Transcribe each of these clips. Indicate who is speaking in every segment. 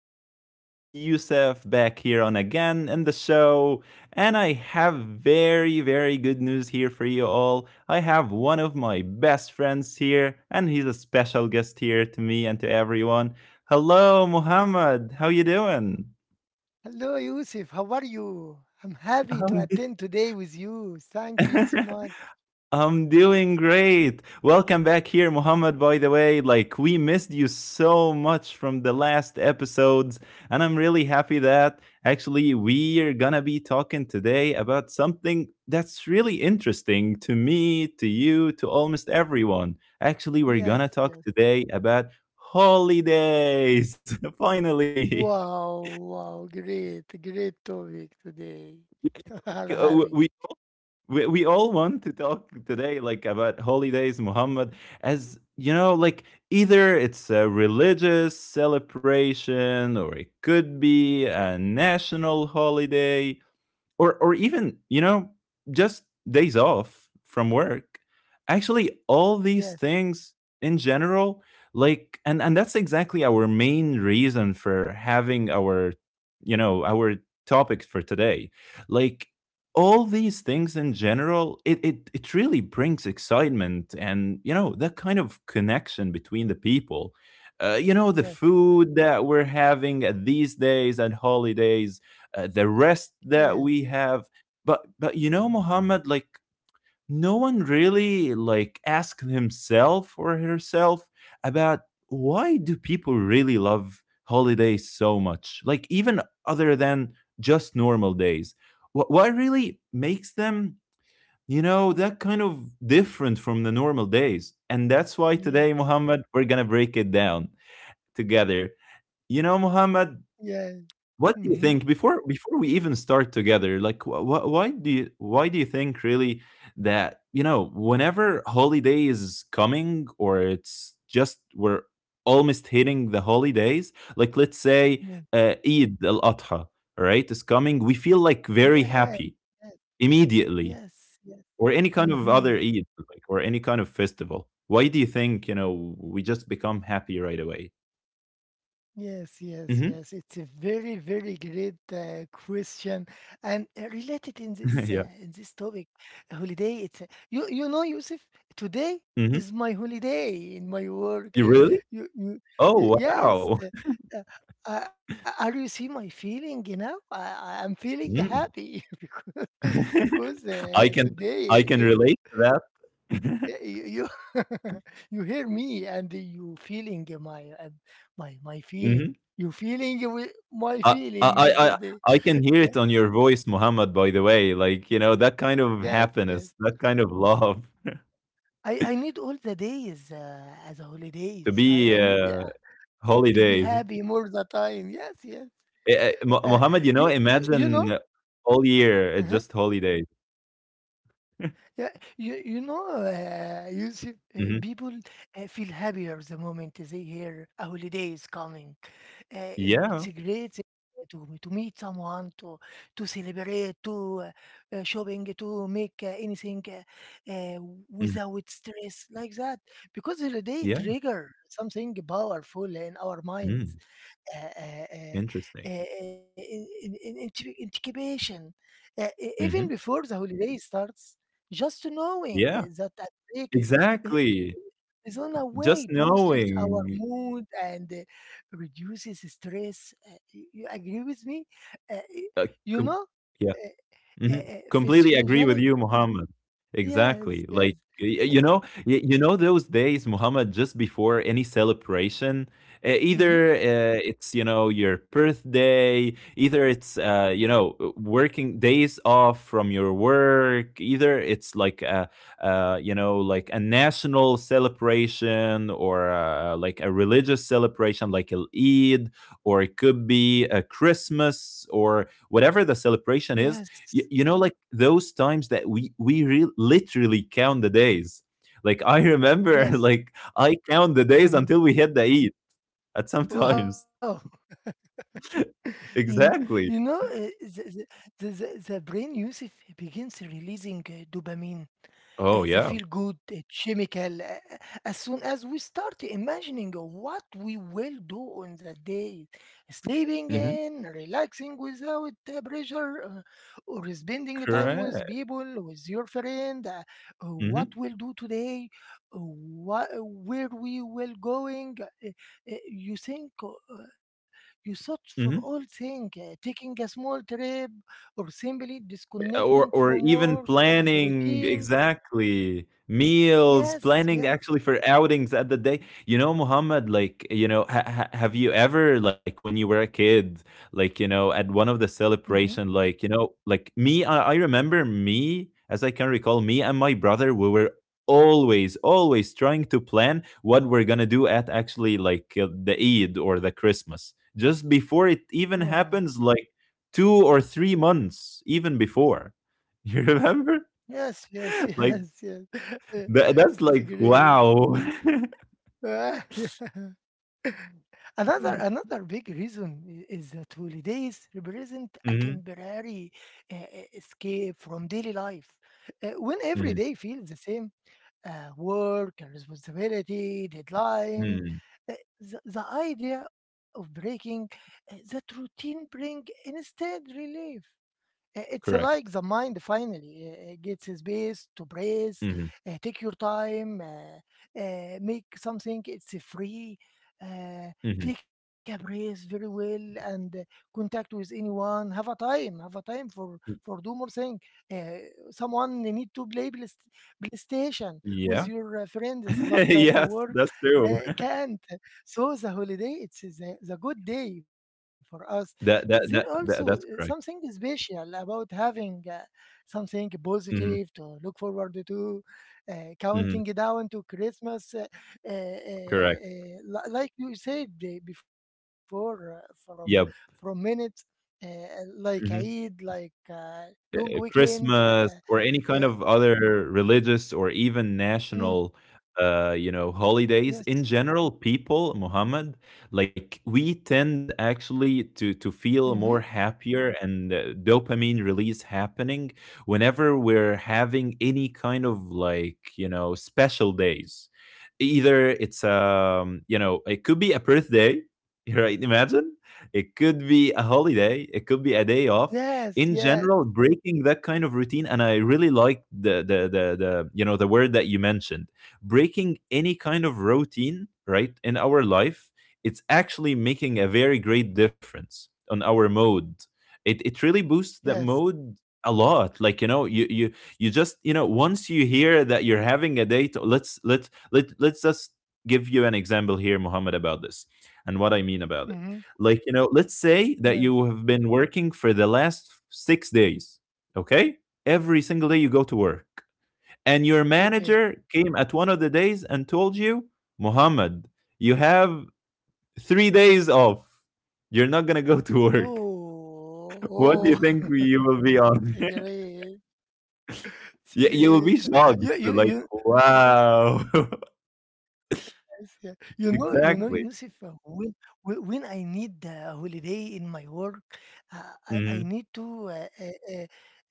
Speaker 1: everyone. This is Yusef back here on again in the show, and I have very, very good news here for you all. I have one of my best friends here, and he's a special guest here to me and to everyone. Hello, Muhammad. How you doing?
Speaker 2: Hello, Yusuf. How are you? I'm happy to
Speaker 1: Um,
Speaker 2: attend today with you. Thank you so much.
Speaker 1: I'm doing great. Welcome back here, Muhammad. By the way, like we missed you so much from the last episodes, and I'm really happy that actually we're gonna be talking today about something that's really interesting to me, to you, to almost everyone. Actually, we're
Speaker 2: Yes,
Speaker 1: gonna talk
Speaker 2: yes.
Speaker 1: today about holidays. Finally,
Speaker 2: Wow, wow. Great, great topic today. I'm
Speaker 1: like
Speaker 2: happy.
Speaker 1: we we all want to talk today like about holidays, Muhammad, as you know, like either it's a religious celebration or it could be a national holiday, or even, you know, just days off from work. Actually, all
Speaker 2: Yes,
Speaker 1: these things in general, like, and that's exactly our main reason for having our, you know, our topics for today. Like, all these things in general, it it really brings excitement, and you know that kind of connection between the people, you know, the
Speaker 2: yes,
Speaker 1: food that we're having at these days and holidays, the rest
Speaker 2: yes,
Speaker 1: that we have. But you know, Muhammad, like, no one really like asked himself or herself about why do people really love holidays so much? Like, even other than just normal days, what really makes them, you know, that kind of different from the normal days? And that's why today,
Speaker 2: yes,
Speaker 1: Muhammad, we're gonna break it down together. You know, Muhammad,
Speaker 2: yes.
Speaker 1: what
Speaker 2: Mm-hmm.
Speaker 1: do you think? Before we even start together, like, why do you, why do you think really that, you know, whenever holiday is coming, or it's just we're almost hitting the holidays? Like, let's say
Speaker 2: Yes,
Speaker 1: Eid al Adha, right, is coming. We feel like
Speaker 2: yes,
Speaker 1: very happy
Speaker 2: yes,
Speaker 1: immediately,
Speaker 2: yes.
Speaker 1: or any kind of
Speaker 2: Mm-hmm.
Speaker 1: other Eid, like, or any kind of festival. Why do you think, you know, we just become happy right away?
Speaker 2: Yes, yes,
Speaker 1: Hmm.
Speaker 2: yes. It's a very, very great question, and related in this uh,
Speaker 1: Yeah.
Speaker 2: in this topic, holiday. It's You know, Yusuf. Today
Speaker 1: Hmm.
Speaker 2: is my holiday in my work.
Speaker 1: You really?
Speaker 2: You you, you
Speaker 1: Oh wow.
Speaker 2: yes. Uh, are you see my feeling? You know, I'm feeling happy because because uh,
Speaker 1: I can
Speaker 2: today.
Speaker 1: I can relate to
Speaker 2: Yeah,
Speaker 1: that.
Speaker 2: you you, you hear me and you feeling my feeling.
Speaker 1: Mhm.
Speaker 2: You feeling my
Speaker 1: I I
Speaker 2: feeling
Speaker 1: I I
Speaker 2: today.
Speaker 1: I can
Speaker 2: Yeah.
Speaker 1: hear it on your voice, Muhammad, by the way. Like, you know, that kind of
Speaker 2: Yes, yes.
Speaker 1: happiness, that kind of love
Speaker 2: I need all the days as
Speaker 1: to
Speaker 2: holidays. I,
Speaker 1: be
Speaker 2: I need to be
Speaker 1: holidays.
Speaker 2: happy more the time. Yes, yes.
Speaker 1: Eh, eh,
Speaker 2: Uh,
Speaker 1: Muhammad, you know,
Speaker 2: you know.
Speaker 1: imagine all year, eh,
Speaker 2: uh
Speaker 1: just holidays.
Speaker 2: Yeah, you know. You see,
Speaker 1: Mhm.
Speaker 2: people feel happier the moment they hear a holiday is coming.
Speaker 1: Yeah.
Speaker 2: It's great to meet someone, to celebrate, to shopping, to make anything
Speaker 1: Mhm.
Speaker 2: without stress like that, because holiday
Speaker 1: Yeah.
Speaker 2: trigger something powerful in our minds,
Speaker 1: Mm.
Speaker 2: uh, uh, uh, uh,
Speaker 1: Interesting.
Speaker 2: incubation, even
Speaker 1: Hmm.
Speaker 2: before the holiday starts, just knowing
Speaker 1: Yeah.
Speaker 2: that a break is, i-
Speaker 1: Exactly.
Speaker 2: is on a
Speaker 1: Just
Speaker 2: way boosts our
Speaker 1: knowing.
Speaker 2: mood and reduces stress. You agree with me? Uh, y-
Speaker 1: Uh,
Speaker 2: you
Speaker 1: com-
Speaker 2: know,
Speaker 1: yeah.
Speaker 2: uh,
Speaker 1: Mhm. Completely agree
Speaker 2: physiological.
Speaker 1: with you, Muhammad. Exactly.
Speaker 2: Yes,
Speaker 1: Like,
Speaker 2: yes.
Speaker 1: you
Speaker 2: The-
Speaker 1: know, you know those days, Muhammad, just before any celebration, either
Speaker 2: mhm.
Speaker 1: it's, you know, your birthday, either it's, you know, working days off from your work, either it's like a you know, like a national celebration, or like a religious celebration, like Eid, or it could be a Christmas or whatever the
Speaker 2: Yes,
Speaker 1: celebration is. You, know, like those times that literally count the days. Like, I
Speaker 2: yes.
Speaker 1: remember, like, I count the days until we hit the Eid at
Speaker 2: Wow.
Speaker 1: sometimes.
Speaker 2: you, kn- you know,
Speaker 1: Exactly.
Speaker 2: the, the brain, Yusuf, begins releasing dopamine, the feel
Speaker 1: Oh
Speaker 2: good
Speaker 1: yeah.
Speaker 2: chemical, as soon as we start imagining what we will do on the day, sleeping
Speaker 1: Hmm.
Speaker 2: in, relaxing without pressure, or spending time with
Speaker 1: Correct.
Speaker 2: people, with your friend. What
Speaker 1: Hmm.
Speaker 2: we'll do today, where we will going. You think. You search for all
Speaker 1: Hmm.
Speaker 2: things, taking a small trip or simply disconnecting
Speaker 1: or
Speaker 2: from
Speaker 1: or
Speaker 2: work
Speaker 1: even
Speaker 2: and
Speaker 1: planning
Speaker 2: routines.
Speaker 1: exactly meals,
Speaker 2: Yes, yes.
Speaker 1: planning actually for outings at the day. You know, Muhammad, like, you know, have you ever, like, when you were a kid, like, you know, at one of the
Speaker 2: Hmm.
Speaker 1: celebration, like, you know, like me, I remember me as I can recall, me and my brother, we were always trying to plan what we're gonna do at, actually, like, the Eid or the Christmas just before it even
Speaker 2: Wow.
Speaker 1: happens, like, 2 or 3 months even before. You remember?
Speaker 2: Yes, yes,
Speaker 1: Like,
Speaker 2: yes, yes. Eh,
Speaker 1: that's
Speaker 2: It's
Speaker 1: like
Speaker 2: great.
Speaker 1: wow.
Speaker 2: Yeah. Another
Speaker 1: Hmm.
Speaker 2: another big reason is that holidays represent a temporary escape from daily life. When every
Speaker 1: Hmm.
Speaker 2: day feels the same, work, and responsibility, deadlines.
Speaker 1: Mm.
Speaker 2: Uh, the idea of breaking that routine bring instead relief. It's like the
Speaker 1: Correct.
Speaker 2: mind finally gets a space to breathe,
Speaker 1: Hmm.
Speaker 2: take your time, make something, it's free, uh,
Speaker 1: Hmm.
Speaker 2: take a breath very well and contact with anyone. Have a time for do more thing. Uh, Someone need to play PlayStation
Speaker 1: Yeah.
Speaker 2: with your friends, but
Speaker 1: Yes, that's
Speaker 2: the work
Speaker 1: true.
Speaker 2: can't. So the holiday, it's the good day for us.
Speaker 1: That, that
Speaker 2: There
Speaker 1: that that
Speaker 2: also
Speaker 1: that's correct.
Speaker 2: something special about having something
Speaker 1: Hmm.
Speaker 2: positive to look forward to,
Speaker 1: Hmm.
Speaker 2: counting down to Christmas,
Speaker 1: Correct.
Speaker 2: like you said before, from
Speaker 1: Yep.
Speaker 2: from minutes, like
Speaker 1: Hmm.
Speaker 2: Eid, like long weekend.
Speaker 1: Christmas or any kind of other religious or even
Speaker 2: Uh,
Speaker 1: national,
Speaker 2: mm,
Speaker 1: you know, holidays in
Speaker 2: yes.
Speaker 1: general, people, Muhammad, like, we tend actually
Speaker 2: Mm-hmm.
Speaker 1: to feel more happier, and dopamine release happening whenever we're having any kind of, like, you know, special days. Either it's you know, it could be a birthday, right? Imagine, it could be a holiday, it could be a day off
Speaker 2: Yes.
Speaker 1: in
Speaker 2: Yes.
Speaker 1: general, breaking that kind of routine. And I really like the, you know, the word that you mentioned, breaking any kind of routine, right, in our life. It's actually making a very great difference on our mode. It really boosts that
Speaker 2: Yes.
Speaker 1: mode a lot. Like, you know, you you just, you know, once you hear that you're having a date, let's let let let's just give you an example here, Muhammad, about this and what I mean about it.
Speaker 2: Mm-hmm.
Speaker 1: Like, you know, let's say that you have
Speaker 2: Yes.
Speaker 1: been working for the last 6 days, okay? Every single day you go to work. And your manager
Speaker 2: Okay.
Speaker 1: came at one of the days and told you, Muhammad, you have 3 days off. You're not going to go to work. What do you
Speaker 2: Oh, oh!
Speaker 1: think you will be on?
Speaker 2: Sigrid,
Speaker 1: You will be
Speaker 2: Sigrid.
Speaker 1: shocked.
Speaker 2: You
Speaker 1: Like,
Speaker 2: you you
Speaker 1: wow.
Speaker 2: yes, yeah. You know
Speaker 1: Exactly.
Speaker 2: you know, Yusuf, when when I need a holiday in my work, uh,
Speaker 1: Hmm.
Speaker 2: I I need to uh, uh, uh,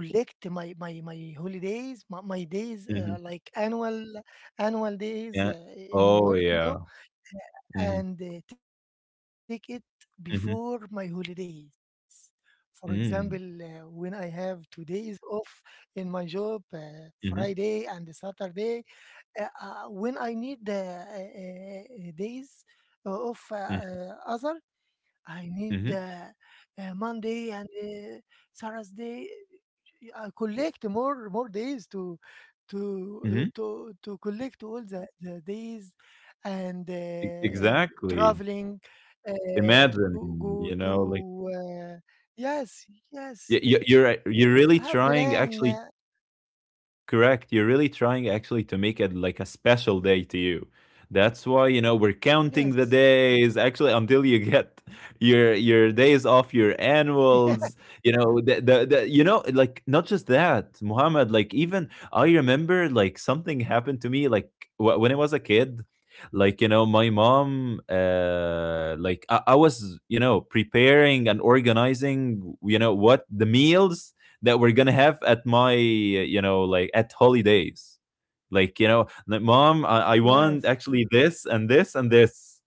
Speaker 2: uh, collect my holidays, my
Speaker 1: Hmm.
Speaker 2: days like annual
Speaker 1: Yeah.
Speaker 2: annual days
Speaker 1: Oh,
Speaker 2: in
Speaker 1: yeah.
Speaker 2: my work. You know,
Speaker 1: Hmm.
Speaker 2: and take it
Speaker 1: Hmm.
Speaker 2: before my holidays. For example,
Speaker 1: Mm-hmm.
Speaker 2: when I have 2 days off in my job, Friday
Speaker 1: Mm-hmm.
Speaker 2: and Saturday, when I need the days of, other. I need
Speaker 1: Mm-hmm.
Speaker 2: Monday and Saturday. I collect more days to to
Speaker 1: Mm-hmm.
Speaker 2: to collect all the days and
Speaker 1: E exactly.
Speaker 2: traveling. Uh, go,
Speaker 1: Imagine,
Speaker 2: go
Speaker 1: you
Speaker 2: to,
Speaker 1: know, like,
Speaker 2: uh, yes, yes,
Speaker 1: y y you're really
Speaker 2: have
Speaker 1: trying
Speaker 2: plan,
Speaker 1: actually. Correct. You're really trying actually to make it like a special day to you. That's why, you know, we're counting the
Speaker 2: yes.
Speaker 1: days actually until you get your days off, your
Speaker 2: Yeah,
Speaker 1: annuals, you know, the you know, like, not just that, Muhammad, like, even I remember, like, something happened to me, like, when I was a kid. Like, you know, my mom, like, I was, you know, preparing and organizing, you know, what the meals that we're gonna have at my, you know, like, at holidays. Like, you know, like, mom, I
Speaker 2: yes,
Speaker 1: want actually this and this and this,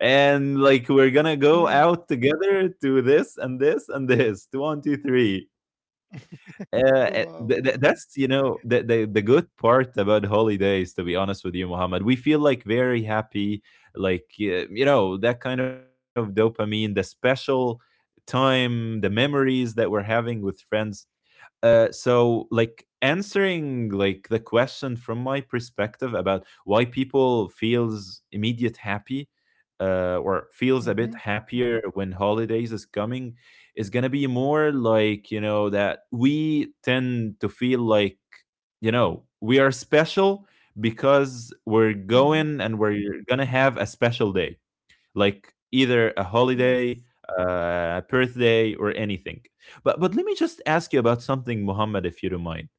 Speaker 1: and like, we're gonna go
Speaker 2: yes.
Speaker 1: out together to this and this and this to 1, 2, 3.
Speaker 2: Wow, wow.
Speaker 1: That's, you know, the good part about holidays, to be honest with you, Muhammad. We feel like very happy, like, you know, that kind of dopamine, the special time, the memories that we're having with friends. So, like, answering, like, the question from my perspective about why people feels immediate happy, or feels a bit
Speaker 2: Mm-hmm,
Speaker 1: happier when holidays is coming, is gonna be more like, you know, that we tend to feel like, you know, we are special, because we're going and
Speaker 2: mm-hmm.
Speaker 1: we're gonna have a special day, like either a holiday,
Speaker 2: Yes,
Speaker 1: a birthday, or anything. But let me just ask you about something, Muhammad, if you don't mind.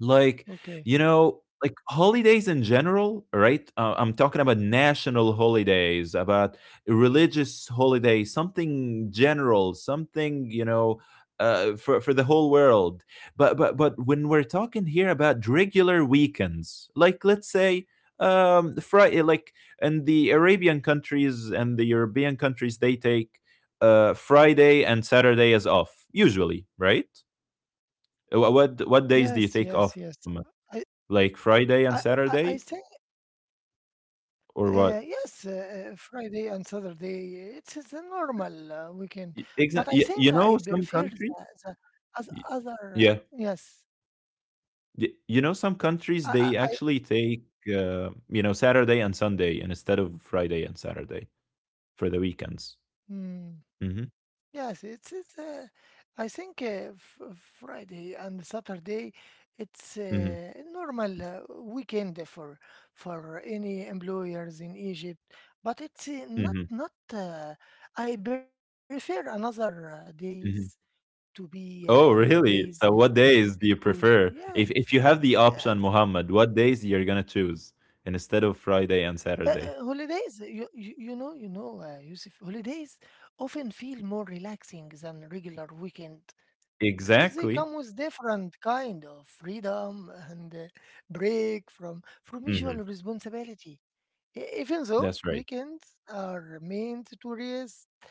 Speaker 1: Like, you
Speaker 2: okay.
Speaker 1: know, like, holidays in general, right? I'm talking about national holidays, about religious holidays, something general, something, you know, for the whole world. But when we're talking here about regular weekends, like, let's say, Friday, like, in the Arabian countries and the European countries, they take Friday and Saturday as off usually, right? What days do you
Speaker 2: Yes,
Speaker 1: take
Speaker 2: yes,
Speaker 1: off?
Speaker 2: yes. I,
Speaker 1: Like, Friday and
Speaker 2: I, I
Speaker 1: Saturday
Speaker 2: I think,
Speaker 1: or what?
Speaker 2: yes, Friday and Saturday. It is a normal weekend, but I
Speaker 1: You
Speaker 2: think
Speaker 1: know
Speaker 2: I
Speaker 1: some
Speaker 2: prefer the,
Speaker 1: country?
Speaker 2: the as
Speaker 1: Y- Yeah.
Speaker 2: other. Yes,
Speaker 1: You know, some countries
Speaker 2: I,
Speaker 1: they
Speaker 2: I
Speaker 1: actually take, you know, Saturday and Sunday, and instead of Friday and Saturday for the weekends.
Speaker 2: mm.
Speaker 1: Mhm.
Speaker 2: Yes, it's. I think, f Friday and Saturday, it's
Speaker 1: Mhm.
Speaker 2: a normal weekend for any employers in Egypt. But it's
Speaker 1: Mhm.
Speaker 2: not. I prefer another days
Speaker 1: Mhm.
Speaker 2: to be
Speaker 1: Oh,
Speaker 2: holidays
Speaker 1: really? So what days
Speaker 2: because
Speaker 1: do you
Speaker 2: yeah,
Speaker 1: prefer? If you have the
Speaker 2: yes,
Speaker 1: option, Muhammad, what days you're going to choose instead of Friday and Saturday?
Speaker 2: holidays. You know, Yusuf. Holidays often feel more relaxing than regular weekend because they come
Speaker 1: Exactly.
Speaker 2: with different kind of freedom and break from usual
Speaker 1: Mhm.
Speaker 2: responsibility. Even though
Speaker 1: That's
Speaker 2: weekends
Speaker 1: right.
Speaker 2: are meant to rest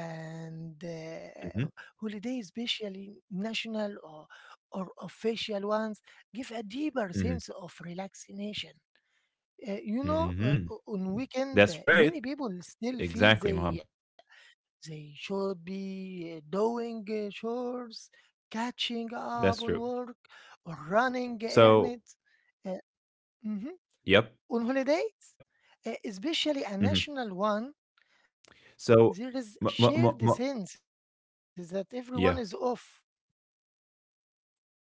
Speaker 2: and
Speaker 1: Mhm.
Speaker 2: holidays, especially national or official ones, give a deeper sense of
Speaker 1: Mhm.
Speaker 2: relaxation. You know,
Speaker 1: Mhm.
Speaker 2: on weekend,
Speaker 1: That's
Speaker 2: many
Speaker 1: right.
Speaker 2: people still feel
Speaker 1: Exactly,
Speaker 2: they
Speaker 1: Mohammed.
Speaker 2: they should be doing
Speaker 1: Yep,
Speaker 2: chores, catching up on work,
Speaker 1: that's true.
Speaker 2: or running errands.
Speaker 1: So,
Speaker 2: Uh, mhm. On holidays,
Speaker 1: mhm.
Speaker 2: especially a national
Speaker 1: So,
Speaker 2: one,
Speaker 1: m- m- m-
Speaker 2: there
Speaker 1: m-
Speaker 2: is shared sense that
Speaker 1: yeah.
Speaker 2: everyone is off.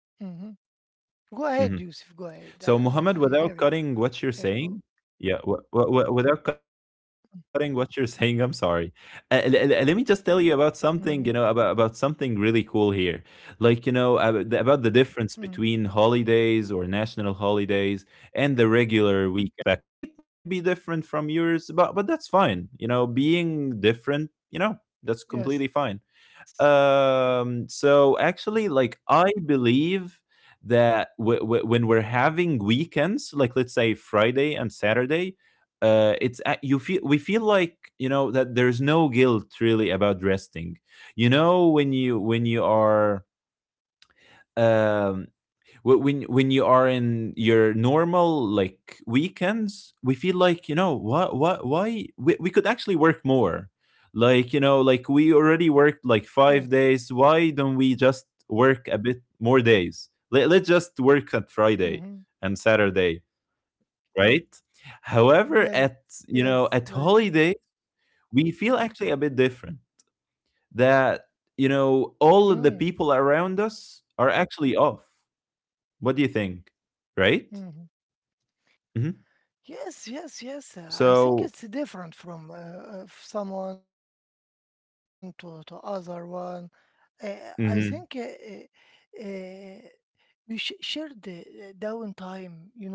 Speaker 2: Mhm. Go
Speaker 1: Mhm.
Speaker 2: ahead, Yusuf. Go
Speaker 1: So,
Speaker 2: ahead.
Speaker 1: Muhammad,
Speaker 2: I
Speaker 1: without
Speaker 2: hear you.
Speaker 1: cutting what you're saying,
Speaker 2: Oh,
Speaker 1: yeah, without cutting what you're saying, I'm sorry. Let me just tell you about something, you know, about
Speaker 2: mhm,
Speaker 1: something really cool here, like, you know, about the difference between
Speaker 2: mhm.
Speaker 1: holidays or national holidays and the regular weekends. Here, from my perspective, it might be different from yours, but that's fine. You know, being different, you know, that's completely fine.
Speaker 2: Yes.
Speaker 1: So actually, like, I believe that when we're having weekends, like, let's say, Friday and Saturday, it's you feel, we feel like, you know, that there's no guilt really about resting. You know, when you, when you are um, when you are in your normal like weekends, we feel like, you know, what, why we, could actually work more. Like, you know, like, we already worked like 5 days,
Speaker 2: Yes.
Speaker 1: why don't we just work a bit more days? Let's just work at Friday and
Speaker 2: Hmm.
Speaker 1: Saturday, right?
Speaker 2: Yes.
Speaker 1: However, at, you
Speaker 2: Yes.
Speaker 1: know, at
Speaker 2: Yes.
Speaker 1: holiday,
Speaker 2: Right.
Speaker 1: we feel actually a bit different, that, you know, all of the people
Speaker 2: Mm,
Speaker 1: around us are actually off. What do you think? Right?
Speaker 2: mm-hmm.
Speaker 1: hmm
Speaker 2: Yes, yes, yes.
Speaker 1: So,
Speaker 2: I think it's different from someone to other one. Uh, I
Speaker 1: hmm
Speaker 2: think, we sh share the downtime, you know.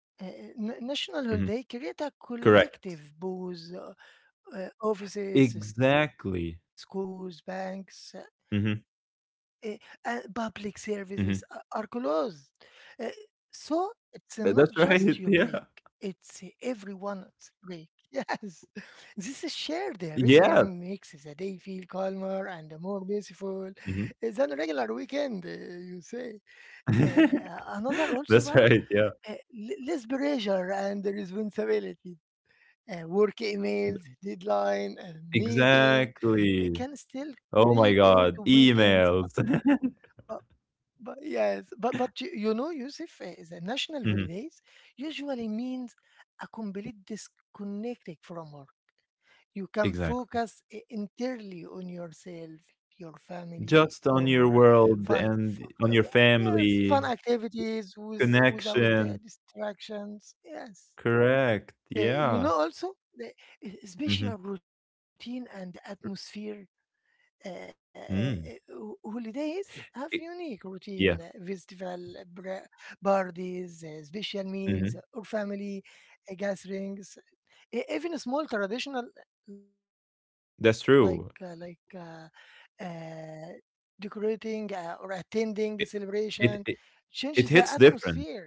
Speaker 2: Uh, uh, National
Speaker 1: hmm
Speaker 2: holiday create a
Speaker 1: correct.
Speaker 2: collective booze, offices, schools,
Speaker 1: Exactly.
Speaker 2: banks. Eh,
Speaker 1: hmm
Speaker 2: and public services are
Speaker 1: hmm
Speaker 2: closed. Eh, So it's not just your break,
Speaker 1: That's right.
Speaker 2: it's
Speaker 1: Yeah.
Speaker 2: everyone's break. Yes, this is shared rhythm makes the
Speaker 1: Yeah.
Speaker 2: day feel calmer and more peaceful than a
Speaker 1: Hmm.
Speaker 2: regular weekend, you say. Eh, Another also are,
Speaker 1: That's
Speaker 2: eh,
Speaker 1: right. Yeah.
Speaker 2: less pressure and responsibility. Work emails, deadline, and meeting. It can
Speaker 1: Exactly.
Speaker 2: still creep
Speaker 1: Oh my
Speaker 2: into
Speaker 1: God.
Speaker 2: weekends,
Speaker 1: Emails.
Speaker 2: but, but yes, but you know, Yusuf, the national holidays
Speaker 1: Hmm.
Speaker 2: usually means a complete disconnecting from work. You can
Speaker 1: Exactly.
Speaker 2: focus entirely on yourself, your family,
Speaker 1: Just
Speaker 2: or
Speaker 1: on your
Speaker 2: fun,
Speaker 1: world and
Speaker 2: f-
Speaker 1: on your
Speaker 2: yes, fun
Speaker 1: family
Speaker 2: activities without
Speaker 1: connection.
Speaker 2: distractions. Yes.
Speaker 1: Correct. Yeah.
Speaker 2: You know, also, the
Speaker 1: Hmm.
Speaker 2: special routine and atmosphere.
Speaker 1: Mm.
Speaker 2: Holidays have
Speaker 1: I-
Speaker 2: unique routine,
Speaker 1: Yeah.
Speaker 2: festival, bra- parties, special
Speaker 1: Hmm.
Speaker 2: meals, or family gatherings. Even a small traditional, like uh, like
Speaker 1: That's
Speaker 2: uh,
Speaker 1: true.
Speaker 2: uh, decorating, or attending celebration,
Speaker 1: It it
Speaker 2: changes
Speaker 1: it
Speaker 2: the
Speaker 1: it hits
Speaker 2: atmosphere. You
Speaker 1: different.
Speaker 2: know?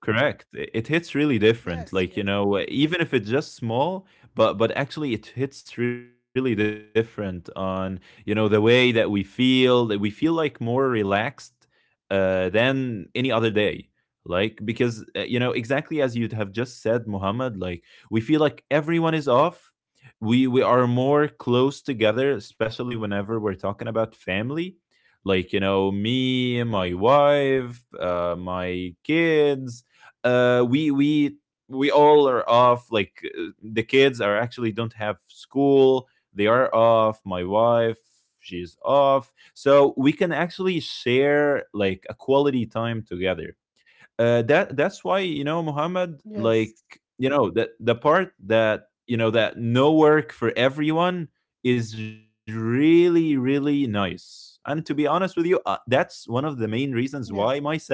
Speaker 1: Correct. It hits really
Speaker 2: Yes, yes,
Speaker 1: different. Like, you know, even if it's just small, but actually it hits really different on, you know, the way that we feel like more relaxed than any other day. Like because you know, exactly as you'd have just said, Muhammad, like we feel like everyone is off. We are more close together, especially whenever we're talking about family. Like, you know, me, my wife, my kids, uh, we we we all are off. Like the kids are actually don't have school. They are off. My wife, she's off. So we can actually share like a quality time together. That's why you know Muhammad, like
Speaker 2: yes,
Speaker 1: you know that the part
Speaker 2: yes,
Speaker 1: that you know that no work for everyone is really really nice. And to be honest with you, that's one of the main
Speaker 2: yes.
Speaker 1: reasons why myself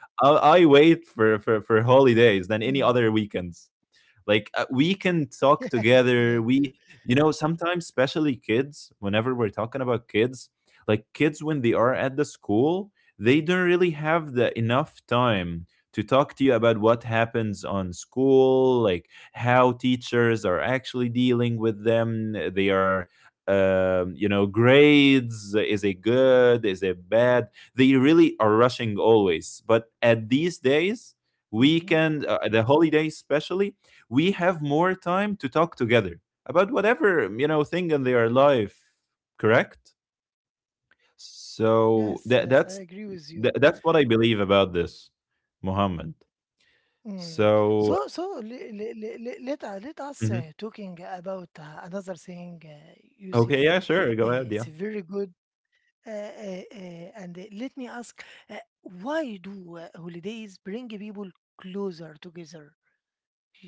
Speaker 1: I, I wait for
Speaker 2: Hmm.
Speaker 1: holidays than any other weekends, like we can
Speaker 2: Yes,
Speaker 1: talk
Speaker 2: yes, yes.
Speaker 1: together. We, you know, sometimes, especially kids, whenever we're talking about kids, like kids when they are at the school, they don't really have the enough time to talk to you about what happens on school, like how teachers are actually dealing with them. They are, you know, grades, is it good, is it bad. They really are rushing always, but at these days,
Speaker 2: Hmm.
Speaker 1: weekend, the holidays especially, we have more time to talk together about whatever you know thing in their life. Correct. So
Speaker 2: Yes, yes, I
Speaker 1: that's
Speaker 2: agree with you.
Speaker 1: that's what I believe about this, Muhammad.
Speaker 2: Mm.
Speaker 1: So
Speaker 2: So let
Speaker 1: mhm.
Speaker 2: us talking about another thing,
Speaker 1: Okay, yeah,
Speaker 2: Yusuf.
Speaker 1: sure, go ahead, yeah.
Speaker 2: It's very good. And let me ask, uh, why do holidays bring people closer together?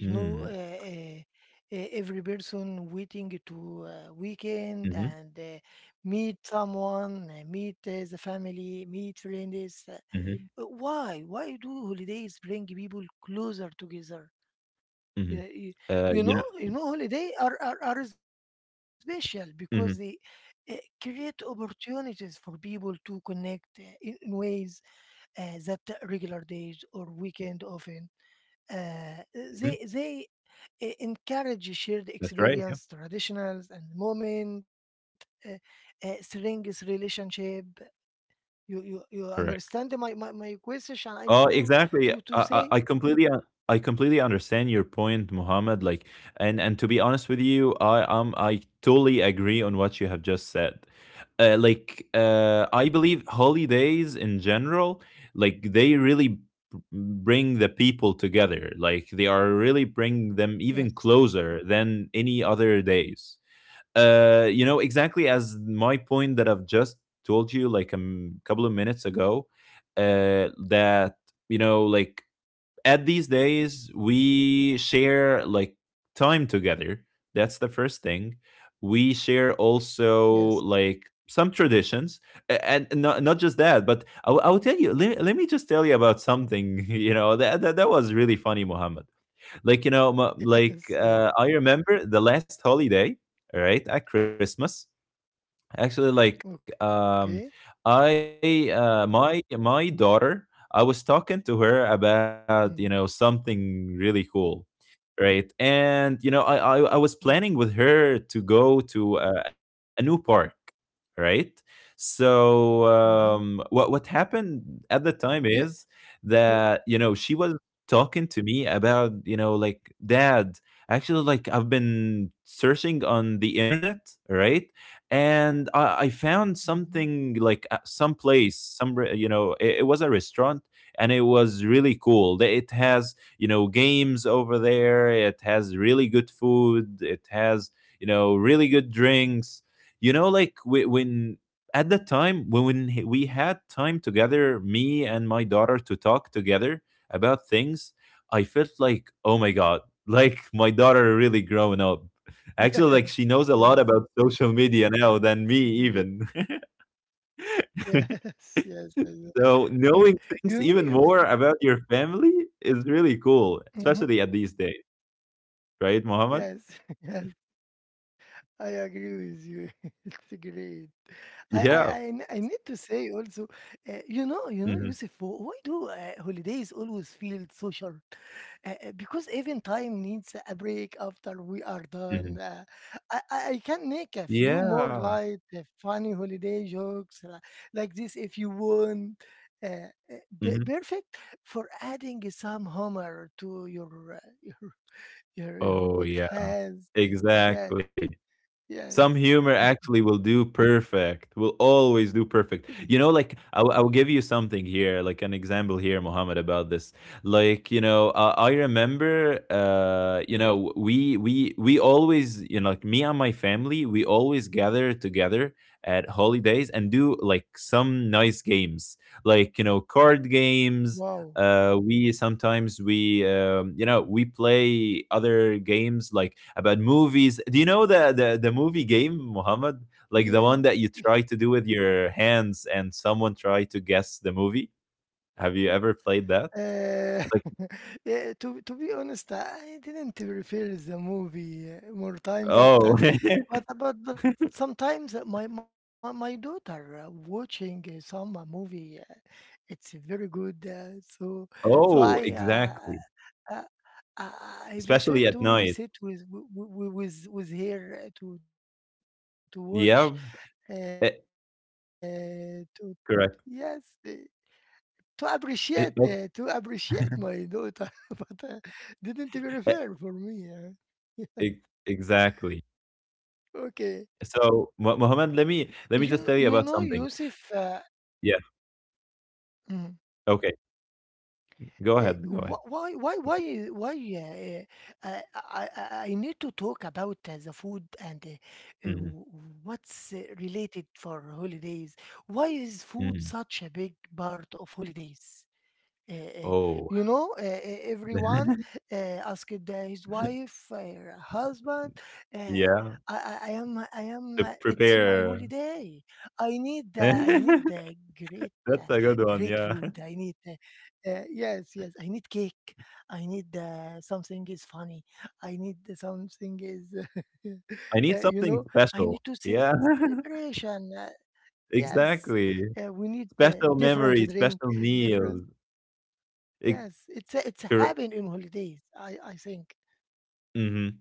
Speaker 2: You
Speaker 1: Mm-hmm,
Speaker 2: know, every person waiting to weekend
Speaker 1: mm-hmm,
Speaker 2: and meet someone, meet the family, meet friends. Why? Why do holidays bring people closer together?
Speaker 1: mm-hmm.
Speaker 2: Yeah, you,
Speaker 1: You know,
Speaker 2: you know, you know, holiday are special because they
Speaker 1: mhm,
Speaker 2: uh, create opportunities for people to connect in ways that regular days or weekend often
Speaker 1: mhm.
Speaker 2: they encourage shared
Speaker 1: That's right, yeah.
Speaker 2: experience, traditionals, and moment, strengths relationship. You understand my,
Speaker 1: Correct.
Speaker 2: my my question? I need to
Speaker 1: Oh,
Speaker 2: to to
Speaker 1: exactly.
Speaker 2: say
Speaker 1: I completely, I completely understand your point, Mohammed. Like, and to be honest with you, I totally agree on what you have just said. I believe holidays in general, like they really bring the people together. Like, they are really bring them even
Speaker 2: yes,
Speaker 1: closer than any other days. You know, exactly as my point that I've just told you like a couple of minutes ago, that you know, like at these days we share like time together. That's the first thing. We share
Speaker 2: yes,
Speaker 1: also like some traditions. And not just that, but I will tell you, let me just tell you about something. You know that was really funny, Mohammed. Like, you know, like
Speaker 2: yes, yes.
Speaker 1: I remember the last holiday, right at Christmas. Actually, like
Speaker 2: Okay.
Speaker 1: I my daughter, I was talking to her
Speaker 2: Mm-hmm.
Speaker 1: about you know something really cool, right? And you know, I was
Speaker 2: Yes.
Speaker 1: planning with her to go to a new park, right? So
Speaker 2: Mm-hmm.
Speaker 1: what happened at the time
Speaker 2: You
Speaker 1: is
Speaker 2: you.
Speaker 1: that, you know, she was talking to me about you know, like, dad, actually, like, I've been searching on the internet, right? And I found
Speaker 2: Mhm.
Speaker 1: something like some place, you know, it was a restaurant, and it was really cool. They- it has, you know, games over there, it has really good food, it has, you know, really good drinks. You know, like when, at the time when we had time together, me and my daughter, to talk together about things. I felt like, oh my God, like, my daughter really growing up,
Speaker 2: Yeah.
Speaker 1: actually, like, she knows a lot
Speaker 2: Yes.
Speaker 1: about social media now than me,
Speaker 2: Agree.
Speaker 1: even.
Speaker 2: Yes. Yes. I know.
Speaker 1: So
Speaker 2: The-
Speaker 1: knowing things
Speaker 2: You know.
Speaker 1: even
Speaker 2: Yes.
Speaker 1: more about your family is really cool,
Speaker 2: Mm-hmm.
Speaker 1: especially at these days, right, Mohammed?
Speaker 2: Yes. Yes. I agree with you. It's great. I, I,
Speaker 1: Yeah.
Speaker 2: I, n- I need to say also, you know,
Speaker 1: Hmm.
Speaker 2: Yusuf, why do holidays always feel so short? Because even time needs a break after we are done.
Speaker 1: Hmm.
Speaker 2: I can make a few more
Speaker 1: Yeah.
Speaker 2: light, funny holiday jokes like this if you want.
Speaker 1: Hmm.
Speaker 2: Perfect for adding some humor to your your
Speaker 1: Oh yeah,
Speaker 2: podcast. Yes,
Speaker 1: exactly. Some
Speaker 2: yes.
Speaker 1: humor actually will do perfect, will always do perfect. You know, like, I'll give you something here, like an example here, Mohammed, about this. Like, you know, I remember, you know, we always, you know, like, me and my family, we always gather together at holidays and do like some nice games, like, you know, card games.
Speaker 2: Wow.
Speaker 1: We sometimes we You know, we play other games, like about movies. Do you know the movie game, Muhammad? Like the one that you
Speaker 2: Yes.
Speaker 1: try to do with your hands and someone try to guess the movie. Have you ever played that?
Speaker 2: Uh,
Speaker 1: Like,
Speaker 2: yeah, to be honest, I didn't refer the movie more time, but
Speaker 1: oh.
Speaker 2: but sometimes my daughter watching some movie, it's very good. So I,
Speaker 1: Oh, exactly,
Speaker 2: uh, I I prefer
Speaker 1: especially at
Speaker 2: to sit
Speaker 1: night.
Speaker 2: with w- w- with her to watch,
Speaker 1: Yeah.
Speaker 2: to
Speaker 1: eh,
Speaker 2: yes, to
Speaker 1: Correct.
Speaker 2: appreciate my
Speaker 1: Eh,
Speaker 2: daughter,
Speaker 1: oh,
Speaker 2: but didn't very refer for me.
Speaker 1: eh, e-
Speaker 2: Okay,
Speaker 1: exactly. So
Speaker 2: you know
Speaker 1: Muhammad,
Speaker 2: Yusuf.
Speaker 1: let me just tell you about something.
Speaker 2: Mm,
Speaker 1: Yeah, okay,
Speaker 2: wh- why
Speaker 1: go
Speaker 2: i-
Speaker 1: ahead,
Speaker 2: why
Speaker 1: okay.
Speaker 2: uh, uh, I, I I need to talk about the food and what's
Speaker 1: Mhm.
Speaker 2: related for holidays. Why is food such a big part
Speaker 1: Mm.
Speaker 2: of holidays? Uh, uh, you know,
Speaker 1: Oh.
Speaker 2: everyone uh, asked his wife, her husband. Uh, I, I I
Speaker 1: Yeah,
Speaker 2: am, I am. It's my
Speaker 1: to
Speaker 2: holiday.
Speaker 1: prepare.
Speaker 2: I need great,
Speaker 1: That's
Speaker 2: great
Speaker 1: a good
Speaker 2: food. I
Speaker 1: one,
Speaker 2: need,
Speaker 1: yeah.
Speaker 2: yes, yes. I need cake. I need something is funny. I need something is, uh,
Speaker 1: I
Speaker 2: you
Speaker 1: need
Speaker 2: know.
Speaker 1: something
Speaker 2: I need to
Speaker 1: special.
Speaker 2: ce-
Speaker 1: Yeah,
Speaker 2: Celebration. Yes, we
Speaker 1: exactly.
Speaker 2: need different
Speaker 1: Special
Speaker 2: drink,
Speaker 1: memories, special
Speaker 2: different.
Speaker 1: meals. It
Speaker 2: Yes, it's a habit
Speaker 1: cor
Speaker 2: in holidays. I think.
Speaker 1: Mhm.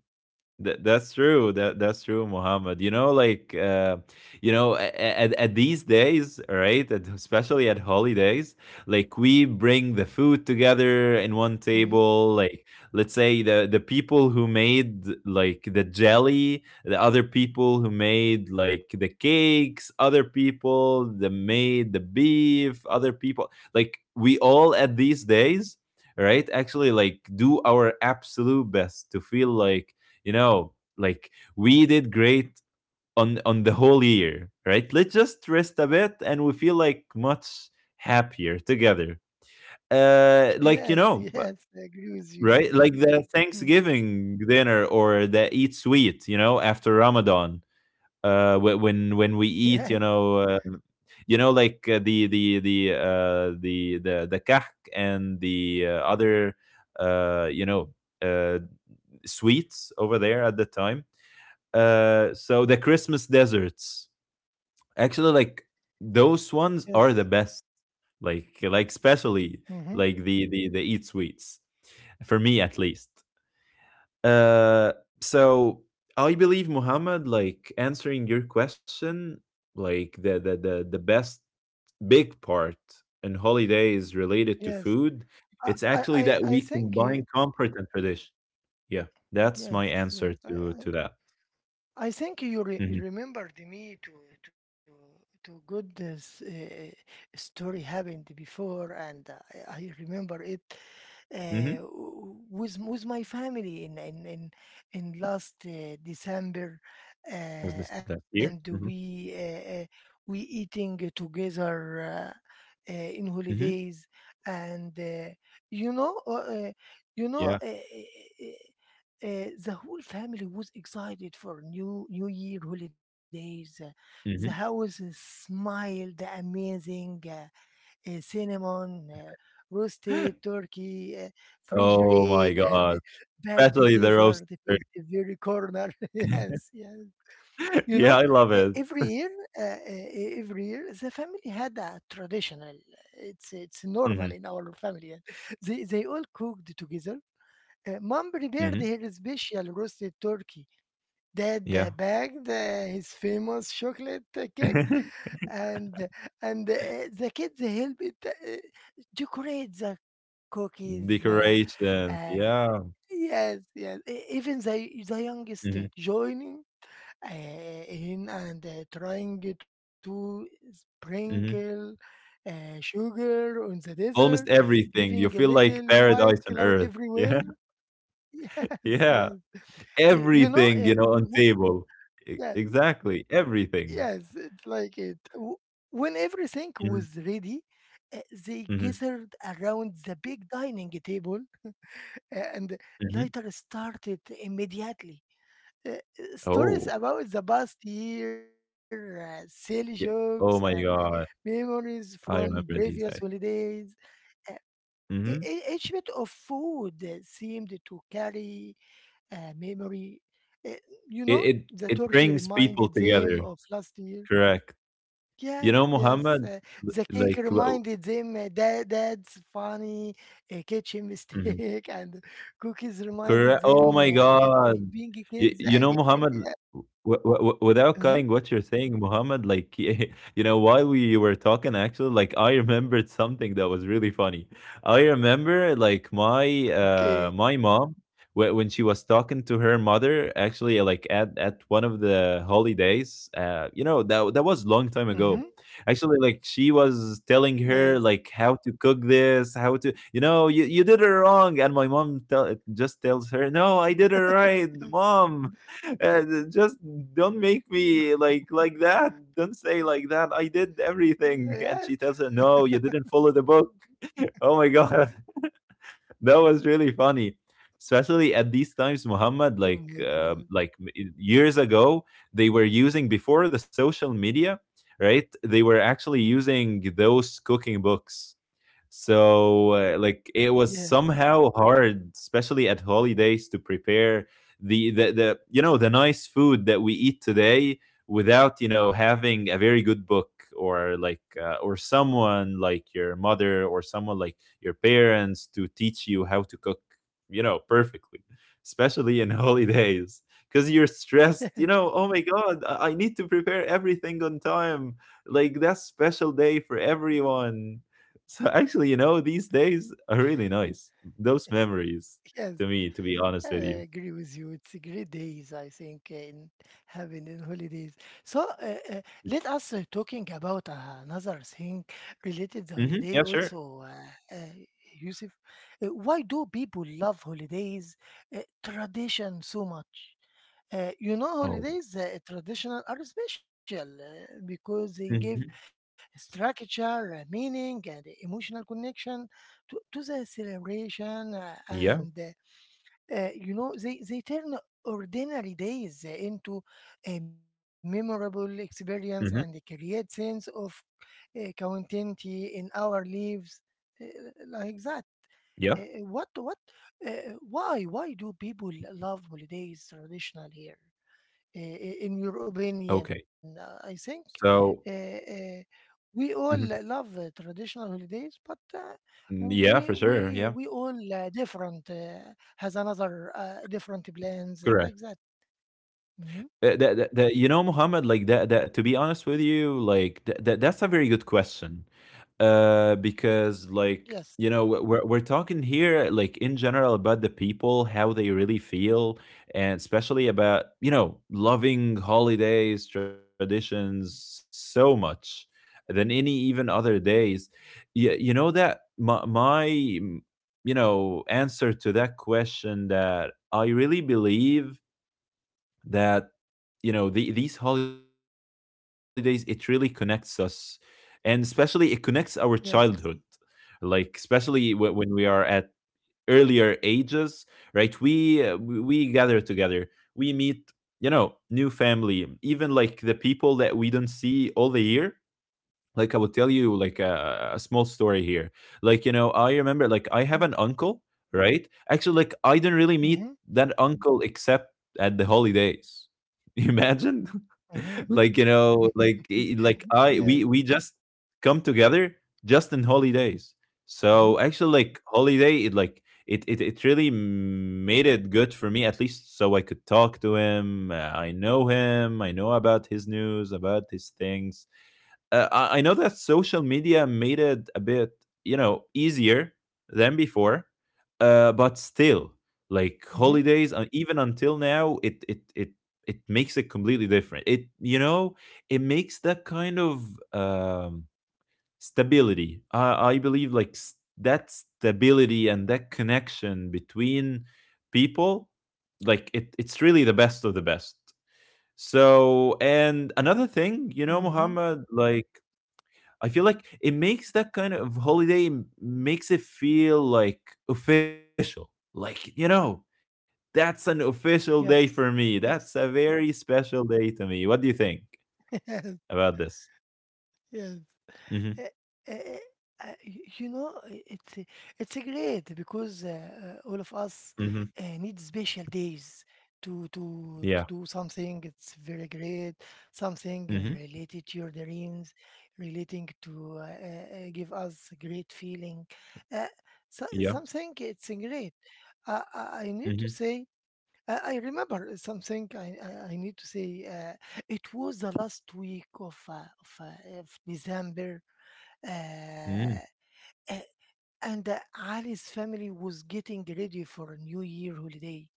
Speaker 1: That's true. That's true, Muhammad. You know, like you know, at these days, right? At, especially at holidays, like we bring the
Speaker 2: Hmm.
Speaker 1: food together in one table. Like, let's say the people who made like the jelly, the other people who made like the cakes, other people that made the beef, other people, like we all at these days, right? Actually, like, do our absolute best to feel like, you know, like we did great on the whole year. Right, let's just rest a bit and we feel like much happier together.
Speaker 2: Yes, yes,
Speaker 1: Like,
Speaker 2: I
Speaker 1: you
Speaker 2: agree
Speaker 1: know,
Speaker 2: with you.
Speaker 1: right,
Speaker 2: Mm.
Speaker 1: like the Thanksgiving dinner or the eat sweet, you know, after Ramadan,
Speaker 2: Yes,
Speaker 1: when we eat, you know, you know, like, the kahk and the other, uh you know uh sweets over there at the time. So the Christmas desserts, actually, like those
Speaker 2: yes.
Speaker 1: ones are the best. Like,
Speaker 2: Hmm.
Speaker 1: especially, like the eat sweets, for me at least. Uh, so I believe, Muhammad, like, answering your question, like the best big part in holidays
Speaker 2: Yes.
Speaker 1: related to food.
Speaker 2: I I
Speaker 1: It's
Speaker 2: I
Speaker 1: actually
Speaker 2: I
Speaker 1: that
Speaker 2: think.
Speaker 1: we combine comfort and tradition. Yeah, that's my
Speaker 2: Yes, yes.
Speaker 1: answer
Speaker 2: I,
Speaker 1: to
Speaker 2: I
Speaker 1: that.
Speaker 2: I think
Speaker 1: Hmm.
Speaker 2: you remembered me to good this story happened before, and I remember it
Speaker 1: Hmm.
Speaker 2: with my family in last December,
Speaker 1: As this last
Speaker 2: and
Speaker 1: year. Hmm.
Speaker 2: we eating together in holidays,
Speaker 1: Hmm.
Speaker 2: and you know uh, uh, you know. Uh,
Speaker 1: Yeah.
Speaker 2: uh, the whole family was excited for new New Year holidays. The
Speaker 1: Mhm.
Speaker 2: house smiled amazing, cinnamon, roasted turkey,
Speaker 1: Oh
Speaker 2: refrigerated,
Speaker 1: my
Speaker 2: and
Speaker 1: God.
Speaker 2: bagged
Speaker 1: Especially the roaster.
Speaker 2: dessert filled the very corner. Yes, yes.
Speaker 1: Yeah, I
Speaker 2: You know,
Speaker 1: love it.
Speaker 2: every year, uh, uh, the family had a traditional. It's
Speaker 1: Mhm.
Speaker 2: normal in our family. They all cooked together. Mom
Speaker 1: Mhm.
Speaker 2: prepared her special roasted turkey. Dad
Speaker 1: Yeah.
Speaker 2: baked his famous chocolate cake, and and the kids helped decorate the cookies.
Speaker 1: Decoration.
Speaker 2: Uh,
Speaker 1: Yeah.
Speaker 2: yes, yes. Even the youngest
Speaker 1: Mhm.
Speaker 2: joining in and trying to sprinkle
Speaker 1: Mhm.
Speaker 2: sugar on the dessert,
Speaker 1: Almost
Speaker 2: leaving a
Speaker 1: everything. You feel
Speaker 2: little
Speaker 1: like
Speaker 2: white
Speaker 1: paradise
Speaker 2: cloud
Speaker 1: on earth.
Speaker 2: everywhere.
Speaker 1: Yeah.
Speaker 2: Yes, yes.
Speaker 1: Yeah.
Speaker 2: You know,
Speaker 1: Everything, you know, on table. E
Speaker 2: yeah,
Speaker 1: exactly.
Speaker 2: yes, it's like
Speaker 1: Everything.
Speaker 2: it. When everything was ready,
Speaker 1: Mhm.
Speaker 2: eh, they gathered around
Speaker 1: Mhm.
Speaker 2: the big dining table, and later
Speaker 1: Mhm.
Speaker 2: started immediately. Stories about the
Speaker 1: Oh,
Speaker 2: past year, silly jokes, and
Speaker 1: yeah. Oh my
Speaker 2: memories
Speaker 1: God.
Speaker 2: from previous
Speaker 1: I
Speaker 2: holidays.
Speaker 1: remember these days.
Speaker 2: Eh, each bit of
Speaker 1: Mhm.
Speaker 2: food seemed to carry a memory. Eh, you know, the
Speaker 1: It
Speaker 2: turkey
Speaker 1: it it
Speaker 2: reminded
Speaker 1: brings
Speaker 2: them
Speaker 1: people
Speaker 2: of last
Speaker 1: together.
Speaker 2: year.
Speaker 1: Correct.
Speaker 2: Yes,
Speaker 1: You
Speaker 2: yes.
Speaker 1: know,
Speaker 2: The
Speaker 1: Muhammad,
Speaker 2: cake
Speaker 1: l
Speaker 2: reminded
Speaker 1: like,
Speaker 2: them
Speaker 1: wha
Speaker 2: that's funny kitchen mistake,
Speaker 1: mhm.
Speaker 2: and cookies reminded them
Speaker 1: Correct. Oh my
Speaker 2: of being
Speaker 1: God.
Speaker 2: kids
Speaker 1: You
Speaker 2: again.
Speaker 1: you know,
Speaker 2: Yeah.
Speaker 1: Muhammad, w w w
Speaker 2: Uh-huh.
Speaker 1: without cutting what you're saying, Muhammad, like, you know, while we were talking, actually, like, I remembered something that was really funny. I remember, like, my
Speaker 2: Okay.
Speaker 1: my mom, wh when she was talking to her mother, actually, like, at one of the holidays, you know,
Speaker 2: Mm-hmm.
Speaker 1: that was long time ago. Actually, like, she
Speaker 2: Yes.
Speaker 1: was telling her like how to cook this, how to, you know, you did it wrong, and my mom just tells her, "No,
Speaker 2: Yes.
Speaker 1: I did it right, mom. Uh, just don't make me like that. Don't say like that. I did
Speaker 2: Yes.
Speaker 1: everything." And she tells her, "No, you didn't follow the book." Oh my God, that was really funny, especially at these times,
Speaker 2: Oh my
Speaker 1: Muhammad.
Speaker 2: God.
Speaker 1: Like like years ago, they were using before the social media, right? They were actually using those cooking books. So, like,
Speaker 2: Yes.
Speaker 1: it was somehow hard, especially at holidays, to prepare the, you know, the nice food that we eat today, without, you know, having a very good book, or like, or someone like your mother or someone like your parents to teach you how to cook, you know, perfectly, especially in holidays. Because you're
Speaker 2: Yes.
Speaker 1: stressed, you know, oh my God, I need to prepare everything on time. Like, that special day for everyone. So actually, you know, these days are really nice. Those memories,
Speaker 2: Yes.
Speaker 1: to me, to be honest with
Speaker 2: I
Speaker 1: you.
Speaker 2: agree with you. It's a great days, I think, in having in holidays. So, let us talking about another thing related the
Speaker 1: Hmm.
Speaker 2: holiday
Speaker 1: Yeah, sure.
Speaker 2: also, Yusuf. Why do people love holidays tradition so much? You know,
Speaker 1: Oh,
Speaker 2: holidays traditional are special
Speaker 1: hmm,
Speaker 2: because they give structure, meaning, and emotional connection to the
Speaker 1: yeah.
Speaker 2: celebration, and. You know they turn ordinary days into a
Speaker 1: Hmm.
Speaker 2: memorable experience and they create sense of continuity in our lives, uh, like
Speaker 1: Yeah.
Speaker 2: that. What why do people love holidays traditional here,
Speaker 1: Okay.
Speaker 2: in your opinion? I think
Speaker 1: So,
Speaker 2: uh, uh, we
Speaker 1: mhm.
Speaker 2: all love traditional holidays, but
Speaker 1: Mm, yeah, for
Speaker 2: we
Speaker 1: sure. Yeah.
Speaker 2: we we all different, has another different
Speaker 1: Correct.
Speaker 2: plans, like that. Hmm.
Speaker 1: That, you know, Muhammad, like to be honest with you, like that's a very good question. Because, like, you
Speaker 2: Yes,
Speaker 1: know, we're talking here, like, in general about the people, how they really feel, and especially about, you know, loving holidays, traditions so much than any even other days. You know that my, answer to that question that I really believe that these holidays, it really connects us. And especially, it connects our childhood, like
Speaker 2: yes,
Speaker 1: especially when we are at earlier ages. Right, we we gather together, we meet new family, even like the people that we don't see all the year. Like, I will tell you, like a small story here. Like, I remember, like, I have an
Speaker 2: yes.
Speaker 1: uncle. Right, actually, like I didn't really meet
Speaker 2: Hmm.
Speaker 1: that uncle except at the holidays. Imagine. Like,
Speaker 2: Hmm.
Speaker 1: you know like I
Speaker 2: Yes.
Speaker 1: we just come together, just in holidays.
Speaker 2: Hmm.
Speaker 1: So actually, like, holiday, it like it really made it good for me, at least, so I could talk to him. I know him, I know about his news, about his things. I know that social media made it a bit, you know, easier than before. But still,
Speaker 2: Hmm.
Speaker 1: like holidays, even until now, it makes it completely different. It, it makes that kind of um, stability. I believe, like that stability and that connection between people, like it's really the best of the best. So, and another
Speaker 2: Hmm.
Speaker 1: thing, you know, Muhammad, like I feel like it makes that kind of holiday makes it feel like official. Like, you know, that's an
Speaker 2: Yes,
Speaker 1: official day
Speaker 2: yes.
Speaker 1: for me. That's a very special day to me. What do you think
Speaker 2: Yes,
Speaker 1: about this?
Speaker 2: yes. Uh, uh, uh,
Speaker 1: Mhm.
Speaker 2: you know, it's a great because all of us need
Speaker 1: Mhm.
Speaker 2: special days to do
Speaker 1: Yeah.
Speaker 2: something. It's very great, something related to
Speaker 1: Mhm.
Speaker 2: your dreams, relating to give us a great feeling. Uh, so, something
Speaker 1: Yeah.
Speaker 2: it's a great. I need to say.
Speaker 1: Mhm.
Speaker 2: I remember something I need to say. Uh, it was the last week of December, uh,
Speaker 1: Mm.
Speaker 2: a- and Ali's family was getting ready for a New Year holiday.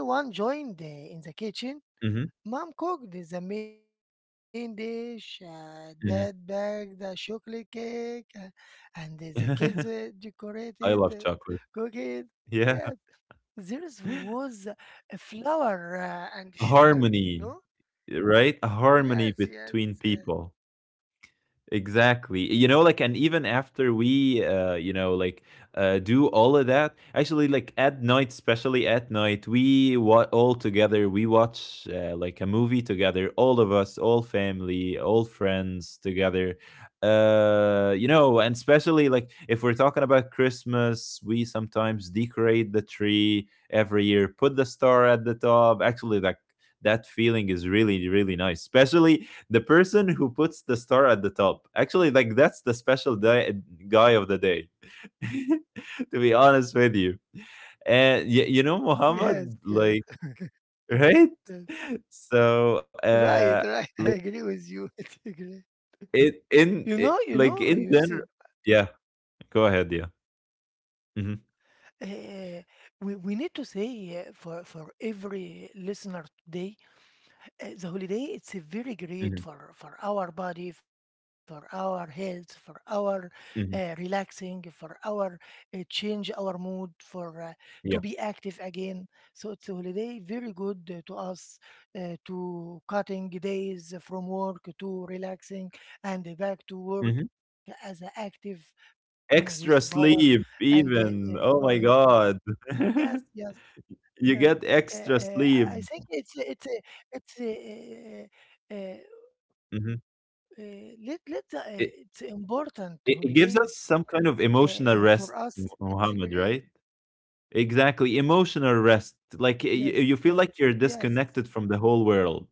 Speaker 2: Everyone joined in the kitchen.
Speaker 1: Mhm.
Speaker 2: Mom cooked the main dish, Dad baked
Speaker 1: Mhm.
Speaker 2: the chocolate cake, and the kids decorated the
Speaker 1: I love chocolate.
Speaker 2: cookies. Yeah,
Speaker 1: Yeah.
Speaker 2: there was a flour and sugar, you know?
Speaker 1: Harmony,
Speaker 2: Uh,
Speaker 1: right? A harmony
Speaker 2: yes, yes,
Speaker 1: between
Speaker 2: uh,
Speaker 1: people. Exactly. You know, like, and even after we, you know, like, do all of that, actually, like, at night, especially at night, we all together, we watch, like, a movie together, all of us, all family, all friends together. You know, and especially, like, if we're talking about Christmas, we sometimes decorate the tree every year, put the star at the top. Actually, like, that feeling is really, really nice, especially the person who puts the star at the top. Actually, like, that's the special guy of the day. To be honest with you, and you know,
Speaker 2: yes,
Speaker 1: Muhammad,
Speaker 2: yes,
Speaker 1: like right.
Speaker 2: yes.
Speaker 1: So,
Speaker 2: Right, right. I
Speaker 1: like
Speaker 2: agree with you. I agree.
Speaker 1: it in
Speaker 2: You
Speaker 1: it,
Speaker 2: know,
Speaker 1: like in
Speaker 2: Yusuf,
Speaker 1: general, yeah. Go ahead, yeah. Hmm.
Speaker 2: uh, we need to say for every listener today, the holiday it's a very great
Speaker 1: Hmm.
Speaker 2: for our body, for our health, for our
Speaker 1: Hmm.
Speaker 2: relaxing, for our change our mood for to be
Speaker 1: Yeah.
Speaker 2: active again. So it's a holiday very good to us, to cutting days from work to relaxing and back to work
Speaker 1: Hmm.
Speaker 2: as an active one with power.
Speaker 1: Extra sleep,
Speaker 2: And go
Speaker 1: even.
Speaker 2: ahead,
Speaker 1: Oh my God.
Speaker 2: yes, yes. uh, uh,
Speaker 1: You get
Speaker 2: uh,
Speaker 1: extra
Speaker 2: I
Speaker 1: sleep.
Speaker 2: think it's
Speaker 1: Mhm.
Speaker 2: let the, it's important
Speaker 1: I-
Speaker 2: holidays,
Speaker 1: it gives us some kind
Speaker 2: for
Speaker 1: of
Speaker 2: us.
Speaker 1: emotional
Speaker 2: It's
Speaker 1: rest,
Speaker 2: great.
Speaker 1: Muhammad, right? Exactly, emotional rest. Like,
Speaker 2: Yes,
Speaker 1: you
Speaker 2: yes,
Speaker 1: feel like you're
Speaker 2: yes,
Speaker 1: disconnected from the whole world.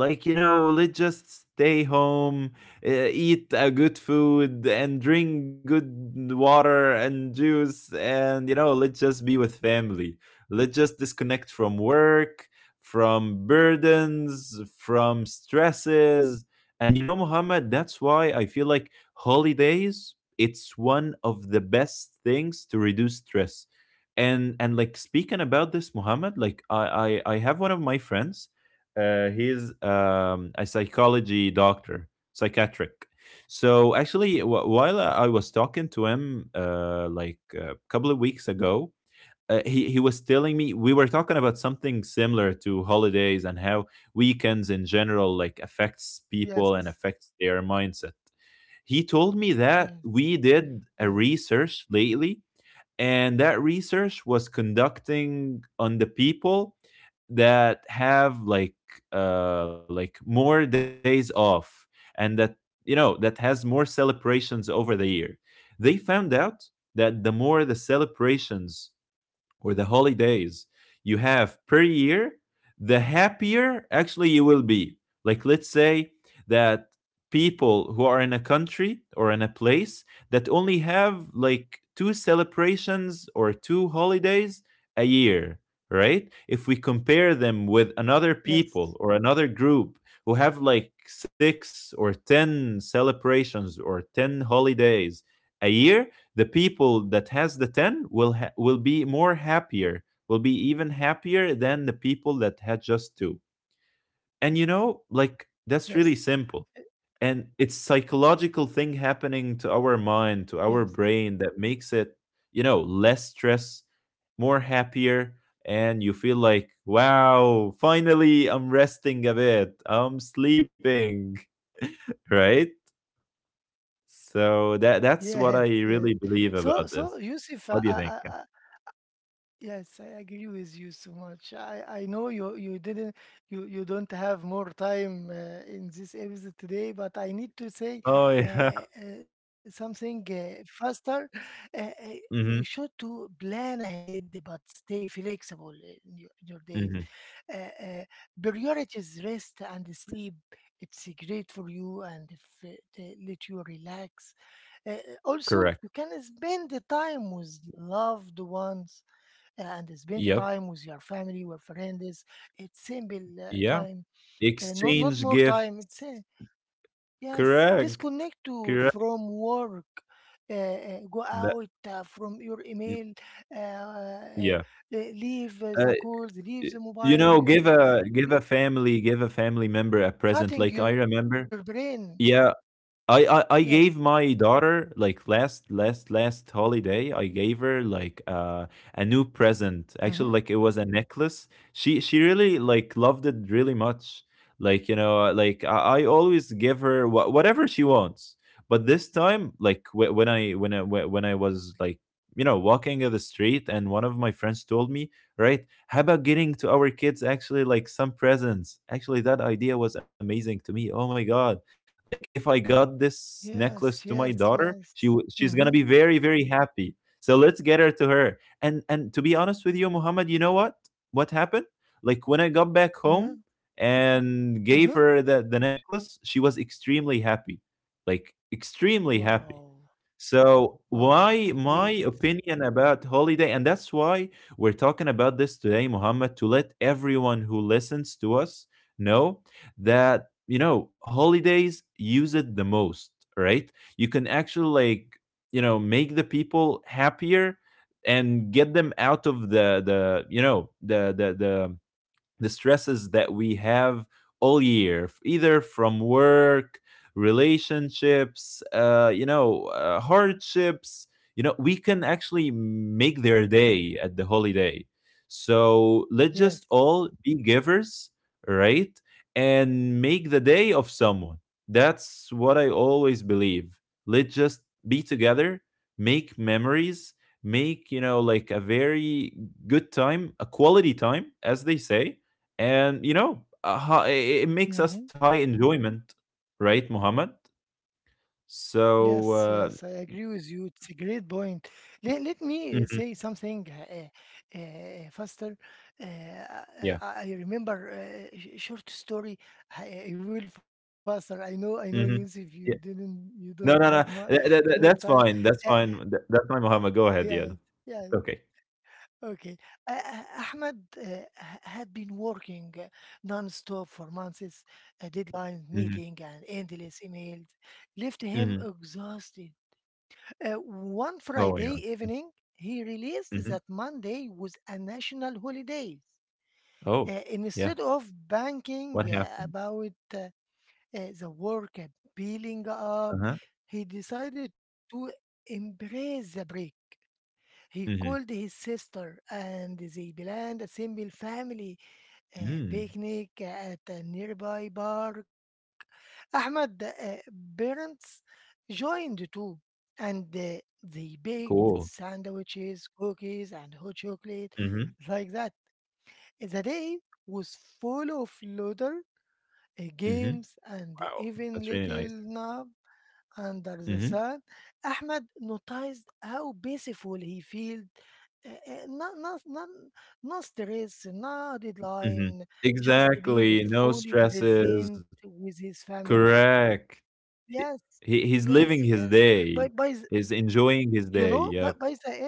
Speaker 1: Like, you know, let's just stay home, eat a good food and drink good water and juice, and, you know, let's just be with family. Let's just disconnect from work, from burdens, from stresses. And, you know, Muhammad, that's why I feel like holidays, it's one of the best things to reduce stress. And Like, speaking about this, Muhammad, like I have one of my friends. He's a psychology doctor, psychiatric. So actually, while I was talking to him, like a couple of weeks ago, he was telling me, we were talking about something similar to holidays and how weekends in general like
Speaker 2: yes,
Speaker 1: affects people and affects their mindset. He told
Speaker 2: yes,
Speaker 1: me that we
Speaker 2: yes,
Speaker 1: did a research lately, and that research was conducting on the people that have like more days off, and that, you know, that has more celebrations over the year. They found out that the more the celebrations or the holidays you have per year, the happier actually you will be. Like, let's say that people who are in a country or in a place that only have like two celebrations or two holidays a year, right? If we compare them with another
Speaker 2: yes,
Speaker 1: people or another group who have like six or 10 celebrations or 10 holidays a year, the people that has the 10 will be more happier, will be even happier than the people that had just 2. And, you know, like
Speaker 2: yes,
Speaker 1: that's really
Speaker 2: uh,
Speaker 1: simple. And it's psychological thing happening to our mind, to
Speaker 2: yes,
Speaker 1: our brain, that makes it, you know, less stress, more happier. And you feel like, wow, finally I'm resting a bit, I'm sleeping. Right? So that's
Speaker 2: yes,
Speaker 1: what I
Speaker 2: yes.
Speaker 1: really believe
Speaker 2: So
Speaker 1: about
Speaker 2: so
Speaker 1: this.
Speaker 2: Yusuf,
Speaker 1: What do you think?
Speaker 2: I yes, I agree with you so much. I know you didn't, you don't have more time in this episode today, but I need to say
Speaker 1: Oh, yeah.
Speaker 2: something faster. Uh, uh, you
Speaker 1: Mhm,
Speaker 2: should to plan ahead, but stay flexible in your days.
Speaker 1: mhm.
Speaker 2: Uh, uh, Priorities rest and sleep. It's great for you, and if they let you relax. Uh, Also,
Speaker 1: Correct.
Speaker 2: you can spend the time with loved ones and spend the
Speaker 1: Yep.
Speaker 2: time with your family, your friends. It's simple
Speaker 1: Yeah.
Speaker 2: time, not
Speaker 1: Exchange
Speaker 2: not more
Speaker 1: gifts.
Speaker 2: time. It's yes,
Speaker 1: Correct.
Speaker 2: disconnect to
Speaker 1: Correct.
Speaker 2: from work. Go
Speaker 1: That,
Speaker 2: out from your
Speaker 1: mm,
Speaker 2: email, uh,
Speaker 1: yeah.
Speaker 2: uh, uh, leave
Speaker 1: Uh,
Speaker 2: the calls,
Speaker 1: y
Speaker 2: leave the
Speaker 1: you
Speaker 2: mobile,
Speaker 1: know,
Speaker 2: you-
Speaker 1: give a family member a present. Like,
Speaker 2: cutting
Speaker 1: I
Speaker 2: your
Speaker 1: remember.
Speaker 2: brain.
Speaker 1: Yeah. I,
Speaker 2: Yes.
Speaker 1: I I gave my daughter like last holiday. I gave her like a new present.
Speaker 2: Mm-hmm.
Speaker 1: Actually, like it was a necklace. She really like loved it really much. Like, you know, like I always give her whatever she wants. But this time, like when I was like, you know, walking in the street, and one of my friends told me, right, how about getting to our kids actually like some presents? Actually, that idea was amazing to me. Oh my god, like if I got this
Speaker 2: Yes,
Speaker 1: necklace to
Speaker 2: yes,
Speaker 1: my daughter,
Speaker 2: yes. Mm-hmm.
Speaker 1: she's gonna be very, very happy. So let's get her to her. And to be honest with you, Muhammad, you know what happened, like, when I got back home and gave
Speaker 2: Uh-huh.
Speaker 1: her the necklace, she was extremely happy. Like, extremely happy.
Speaker 2: Wow.
Speaker 1: So
Speaker 2: Wow. It's
Speaker 1: why
Speaker 2: a
Speaker 1: my
Speaker 2: great.
Speaker 1: opinion about holiday, and that's why we're talking about this today, Muhammad, to let everyone who listens to us know that, you know, holidays, use it the most, right? You can actually, like, you know, make the people happier and get them out of the you know the stresses that we have all year, either from work, relationships, you know, hardships. You know, we can actually make their day at the holiday. So let's just
Speaker 2: Yes.
Speaker 1: all be givers, right? And make the day of someone. That's what I always believe. Let's just be together, make memories, make, you know, like a very good time, a quality time, as they say. And, you know, it makes us
Speaker 2: Mm-hmm.
Speaker 1: high enjoyment, right, Muhammad?
Speaker 2: Yes,
Speaker 1: So,
Speaker 2: yes, I agree with you. It's a great point. Let me say
Speaker 1: mhm,
Speaker 2: something faster.
Speaker 1: yeah.
Speaker 2: I remember short story. I will faster. I know, Yusuf.
Speaker 1: Hmm.
Speaker 2: You didn't,
Speaker 1: Yeah.
Speaker 2: you don't have more,
Speaker 1: No, no, no,
Speaker 2: more time.
Speaker 1: that's
Speaker 2: Uh,
Speaker 1: fine, that's fine, that's fine, Muhammad.
Speaker 2: yeah,
Speaker 1: Go ahead, yeah.
Speaker 2: yeah.
Speaker 1: It's okay.
Speaker 2: Okay. Uh, uh, Ahmed uh, had been working non-stop for months. A deadline
Speaker 1: Hmm.
Speaker 2: meeting and endless emails left him
Speaker 1: Hmm.
Speaker 2: exhausted. One
Speaker 1: Oh my
Speaker 2: Friday
Speaker 1: god.
Speaker 2: evening, he released
Speaker 1: Mm-hmm.
Speaker 2: that Monday was a national holiday.
Speaker 1: Oh. Yeah.
Speaker 2: Instead of
Speaker 1: What
Speaker 2: banking
Speaker 1: happened?
Speaker 2: about the work building up,
Speaker 1: Uh-huh.
Speaker 2: he decided to embrace the break. He called
Speaker 1: Hmm.
Speaker 2: his sister and they planned a simple family
Speaker 1: Hmm.
Speaker 2: picnic at a nearby park. Ahmed parents joined too, and they baked
Speaker 1: Cool.
Speaker 2: sandwiches, cookies, and hot chocolate,
Speaker 1: Hmm.
Speaker 2: like that. The day was full of laughter,
Speaker 1: Hmm.
Speaker 2: games, and
Speaker 1: Wow, that's really
Speaker 2: even
Speaker 1: nice.
Speaker 2: little nap under the
Speaker 1: Hmm.
Speaker 2: sun. Ahmed noticed how peaceful he felt. No, no, no, no stress, no
Speaker 1: Hmm.
Speaker 2: deadline, just
Speaker 1: Exactly,
Speaker 2: being
Speaker 1: no
Speaker 2: fully
Speaker 1: stresses.
Speaker 2: present with his family.
Speaker 1: Correct. He,
Speaker 2: Yes,
Speaker 1: he's
Speaker 2: yes,
Speaker 1: living
Speaker 2: yes.
Speaker 1: his
Speaker 2: By,
Speaker 1: day.
Speaker 2: by, the-
Speaker 1: He's enjoying
Speaker 2: you
Speaker 1: his
Speaker 2: know,
Speaker 1: day.
Speaker 2: but by
Speaker 1: Yep.
Speaker 2: the end,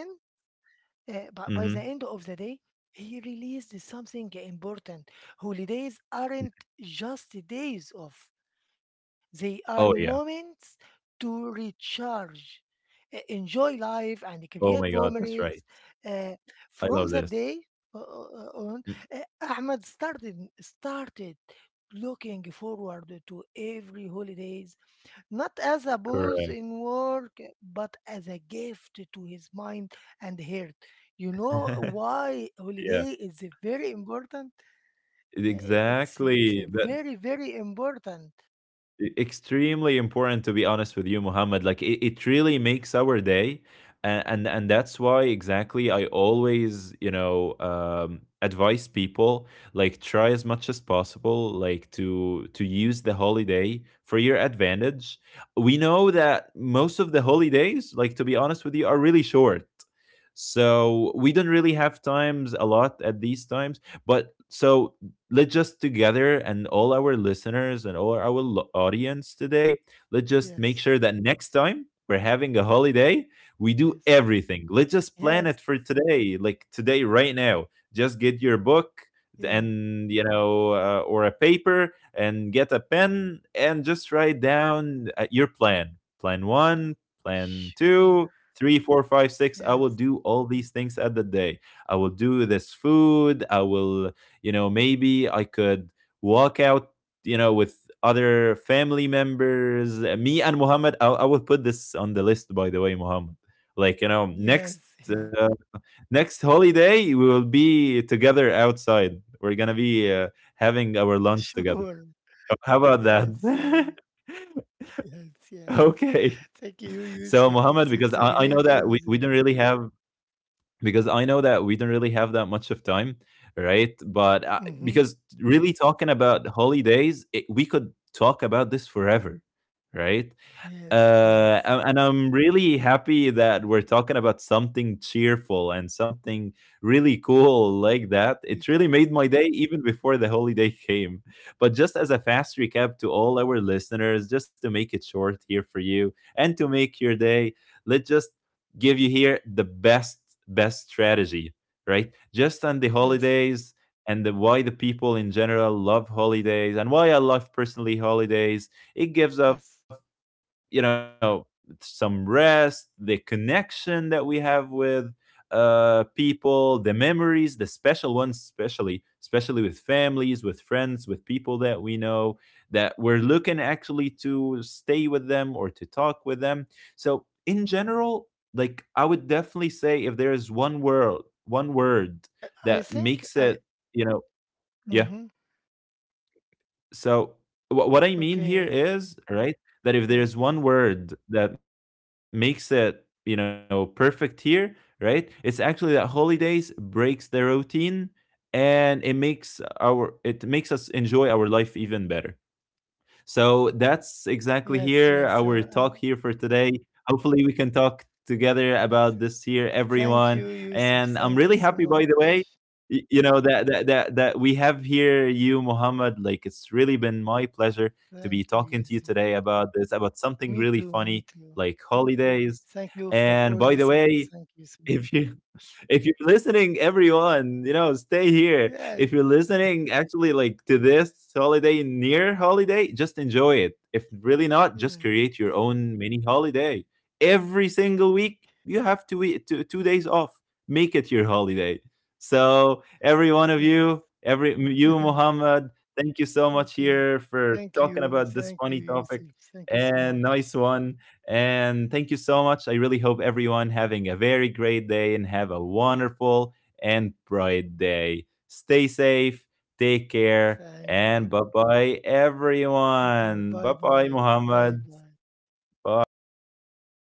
Speaker 2: but by the
Speaker 1: Hmm.
Speaker 2: end of the day, he released something important. Holidays aren't just days off, they are
Speaker 1: Oh yeah.
Speaker 2: moments to recharge, enjoy life, and create
Speaker 1: Oh my God.
Speaker 2: memories.
Speaker 1: That's right.
Speaker 2: Uh, from
Speaker 1: I
Speaker 2: that
Speaker 1: love this.
Speaker 2: day on,
Speaker 1: Mm.
Speaker 2: Ahmed started looking forward to every holidays not as a
Speaker 1: Correct.
Speaker 2: pause in work, but as a gift to his mind and heart. You know why
Speaker 1: Yeah.
Speaker 2: holiday is very important? Uh, It's
Speaker 1: Exactly.
Speaker 2: it's
Speaker 1: That,
Speaker 2: very very important.
Speaker 1: extremely important, to be honest with you, Muhammad. Like, it really makes our day. And that's why exactly I always, you know, advise people. Like, try as much as possible, like, to use the holiday for your advantage. We know that most of the holidays, like, to be honest with you, are really short, so we don't really have times a lot at these times. But so, let's just together and all our listeners and all our audience today, let's just make sure
Speaker 2: Yes,
Speaker 1: that next time we're having a holiday,
Speaker 2: yes,
Speaker 1: we do everything. Let's
Speaker 2: yes,
Speaker 1: just plan it for today, like today, right now. Just get your book,
Speaker 2: yes.
Speaker 1: and, you know, or a paper and get a pen, and just write down, your plan: plan one, plan
Speaker 2: Sure.
Speaker 1: 2, 3, 4, 5, 6 I will
Speaker 2: Yes,
Speaker 1: do all these things at the day. I will do this food. I will, you know, maybe I could walk out, you know, with other family members. Me and Muhammad, I would put this on the list, by the way, Muhammad. Like, you know, next
Speaker 2: yes, yes.
Speaker 1: uh, next holiday, we will be together outside. We're gonna be, having our lunch together.
Speaker 2: Sure.
Speaker 1: Oh, how about
Speaker 2: Yes, yes,
Speaker 1: that?
Speaker 2: yes, yes.
Speaker 1: Okay,
Speaker 2: Thank you,
Speaker 1: so,
Speaker 2: Yusuf.
Speaker 1: Muhammad,
Speaker 2: It's
Speaker 1: because
Speaker 2: it's a
Speaker 1: I know
Speaker 2: great
Speaker 1: that we don't
Speaker 2: episode.
Speaker 1: really have because I know that we don't really have that much of time, right? But because
Speaker 2: Mm-hmm.
Speaker 1: really talking
Speaker 2: Yes,
Speaker 1: about holidays, it, we could talk about this forever, right? Uh,
Speaker 2: yes,
Speaker 1: a- and I'm
Speaker 2: yes.
Speaker 1: really happy that we're talking about something cheerful and something really cool like that. It really made
Speaker 2: Me
Speaker 1: my day
Speaker 2: too.
Speaker 1: even before the holiday came. But just as a fast recap to all our listeners, just to make it short here for you and to make your day, let's just give you here the best, best strategy, right? Just on the holidays
Speaker 2: Yes.
Speaker 1: and why the people in general love holidays and why I love personally holidays. It gives off, you
Speaker 2: Yes.
Speaker 1: know, some rest, the connection that we have with, people, the memories, the special ones, especially, especially with families, with friends, with people that we know, that we're looking actually to stay with them or to talk with them. So in general, like I would definitely say, if there is one word
Speaker 2: Yes.
Speaker 1: that
Speaker 2: I
Speaker 1: makes it,
Speaker 2: think I.
Speaker 1: you know, yeah.
Speaker 2: Mm-hmm.
Speaker 1: So what I mean here is,
Speaker 2: Okay.
Speaker 1: right, that if there's one word
Speaker 2: Yes.
Speaker 1: that makes it, you know, perfect here, right, it's actually that holidays breaks the routine and it makes our, it makes us enjoy our life even better. So that's exactly here
Speaker 2: Yes,
Speaker 1: our
Speaker 2: yes.
Speaker 1: talk here for today. Hopefully, we can talk together about
Speaker 2: S-
Speaker 1: this here, everyone.
Speaker 2: Thank you,
Speaker 1: And
Speaker 2: Yusuf.
Speaker 1: I'm really
Speaker 2: Thank you
Speaker 1: happy, by
Speaker 2: so
Speaker 1: the way,
Speaker 2: much.
Speaker 1: you know that we have here you, Muhammad. Like, it's really been my pleasure to be talking
Speaker 2: Thank
Speaker 1: to
Speaker 2: you,
Speaker 1: you today
Speaker 2: Yusuf.
Speaker 1: about this, about something really
Speaker 2: Me
Speaker 1: funny
Speaker 2: too, me
Speaker 1: like
Speaker 2: too.
Speaker 1: holidays.
Speaker 2: Thank
Speaker 1: And
Speaker 2: you
Speaker 1: by the
Speaker 2: for all
Speaker 1: way,
Speaker 2: listeners. Thank
Speaker 1: if
Speaker 2: you so
Speaker 1: you
Speaker 2: much.
Speaker 1: if you're listening, everyone, you know, stay here. If you're
Speaker 2: Yes,
Speaker 1: listening actually like to this holiday, near holiday, just enjoy it. If really not, just create your
Speaker 2: yes,
Speaker 1: own mini holiday. Every single week, you have two days off. Make it your holiday. So, every one of you, every
Speaker 2: yes.
Speaker 1: you, Muhammad, thank you so much here
Speaker 2: Okay.
Speaker 1: for talking
Speaker 2: Thank
Speaker 1: about
Speaker 2: you.
Speaker 1: this funny
Speaker 2: Thank you,
Speaker 1: topic
Speaker 2: Yusuf. Thank you
Speaker 1: and
Speaker 2: so
Speaker 1: nice
Speaker 2: much.
Speaker 1: one. And thank you so much. I really hope everyone having a very great day and have a wonderful and bright day. Stay safe, take care, and
Speaker 2: Thank
Speaker 1: bye
Speaker 2: you.
Speaker 1: bye,
Speaker 2: Me
Speaker 1: everyone. Bye
Speaker 2: too.
Speaker 1: bye,
Speaker 2: Bye bye.
Speaker 1: Muhammad.
Speaker 2: Bye bye. Bye bye,
Speaker 1: Bye.
Speaker 2: Yusuf. Thank you so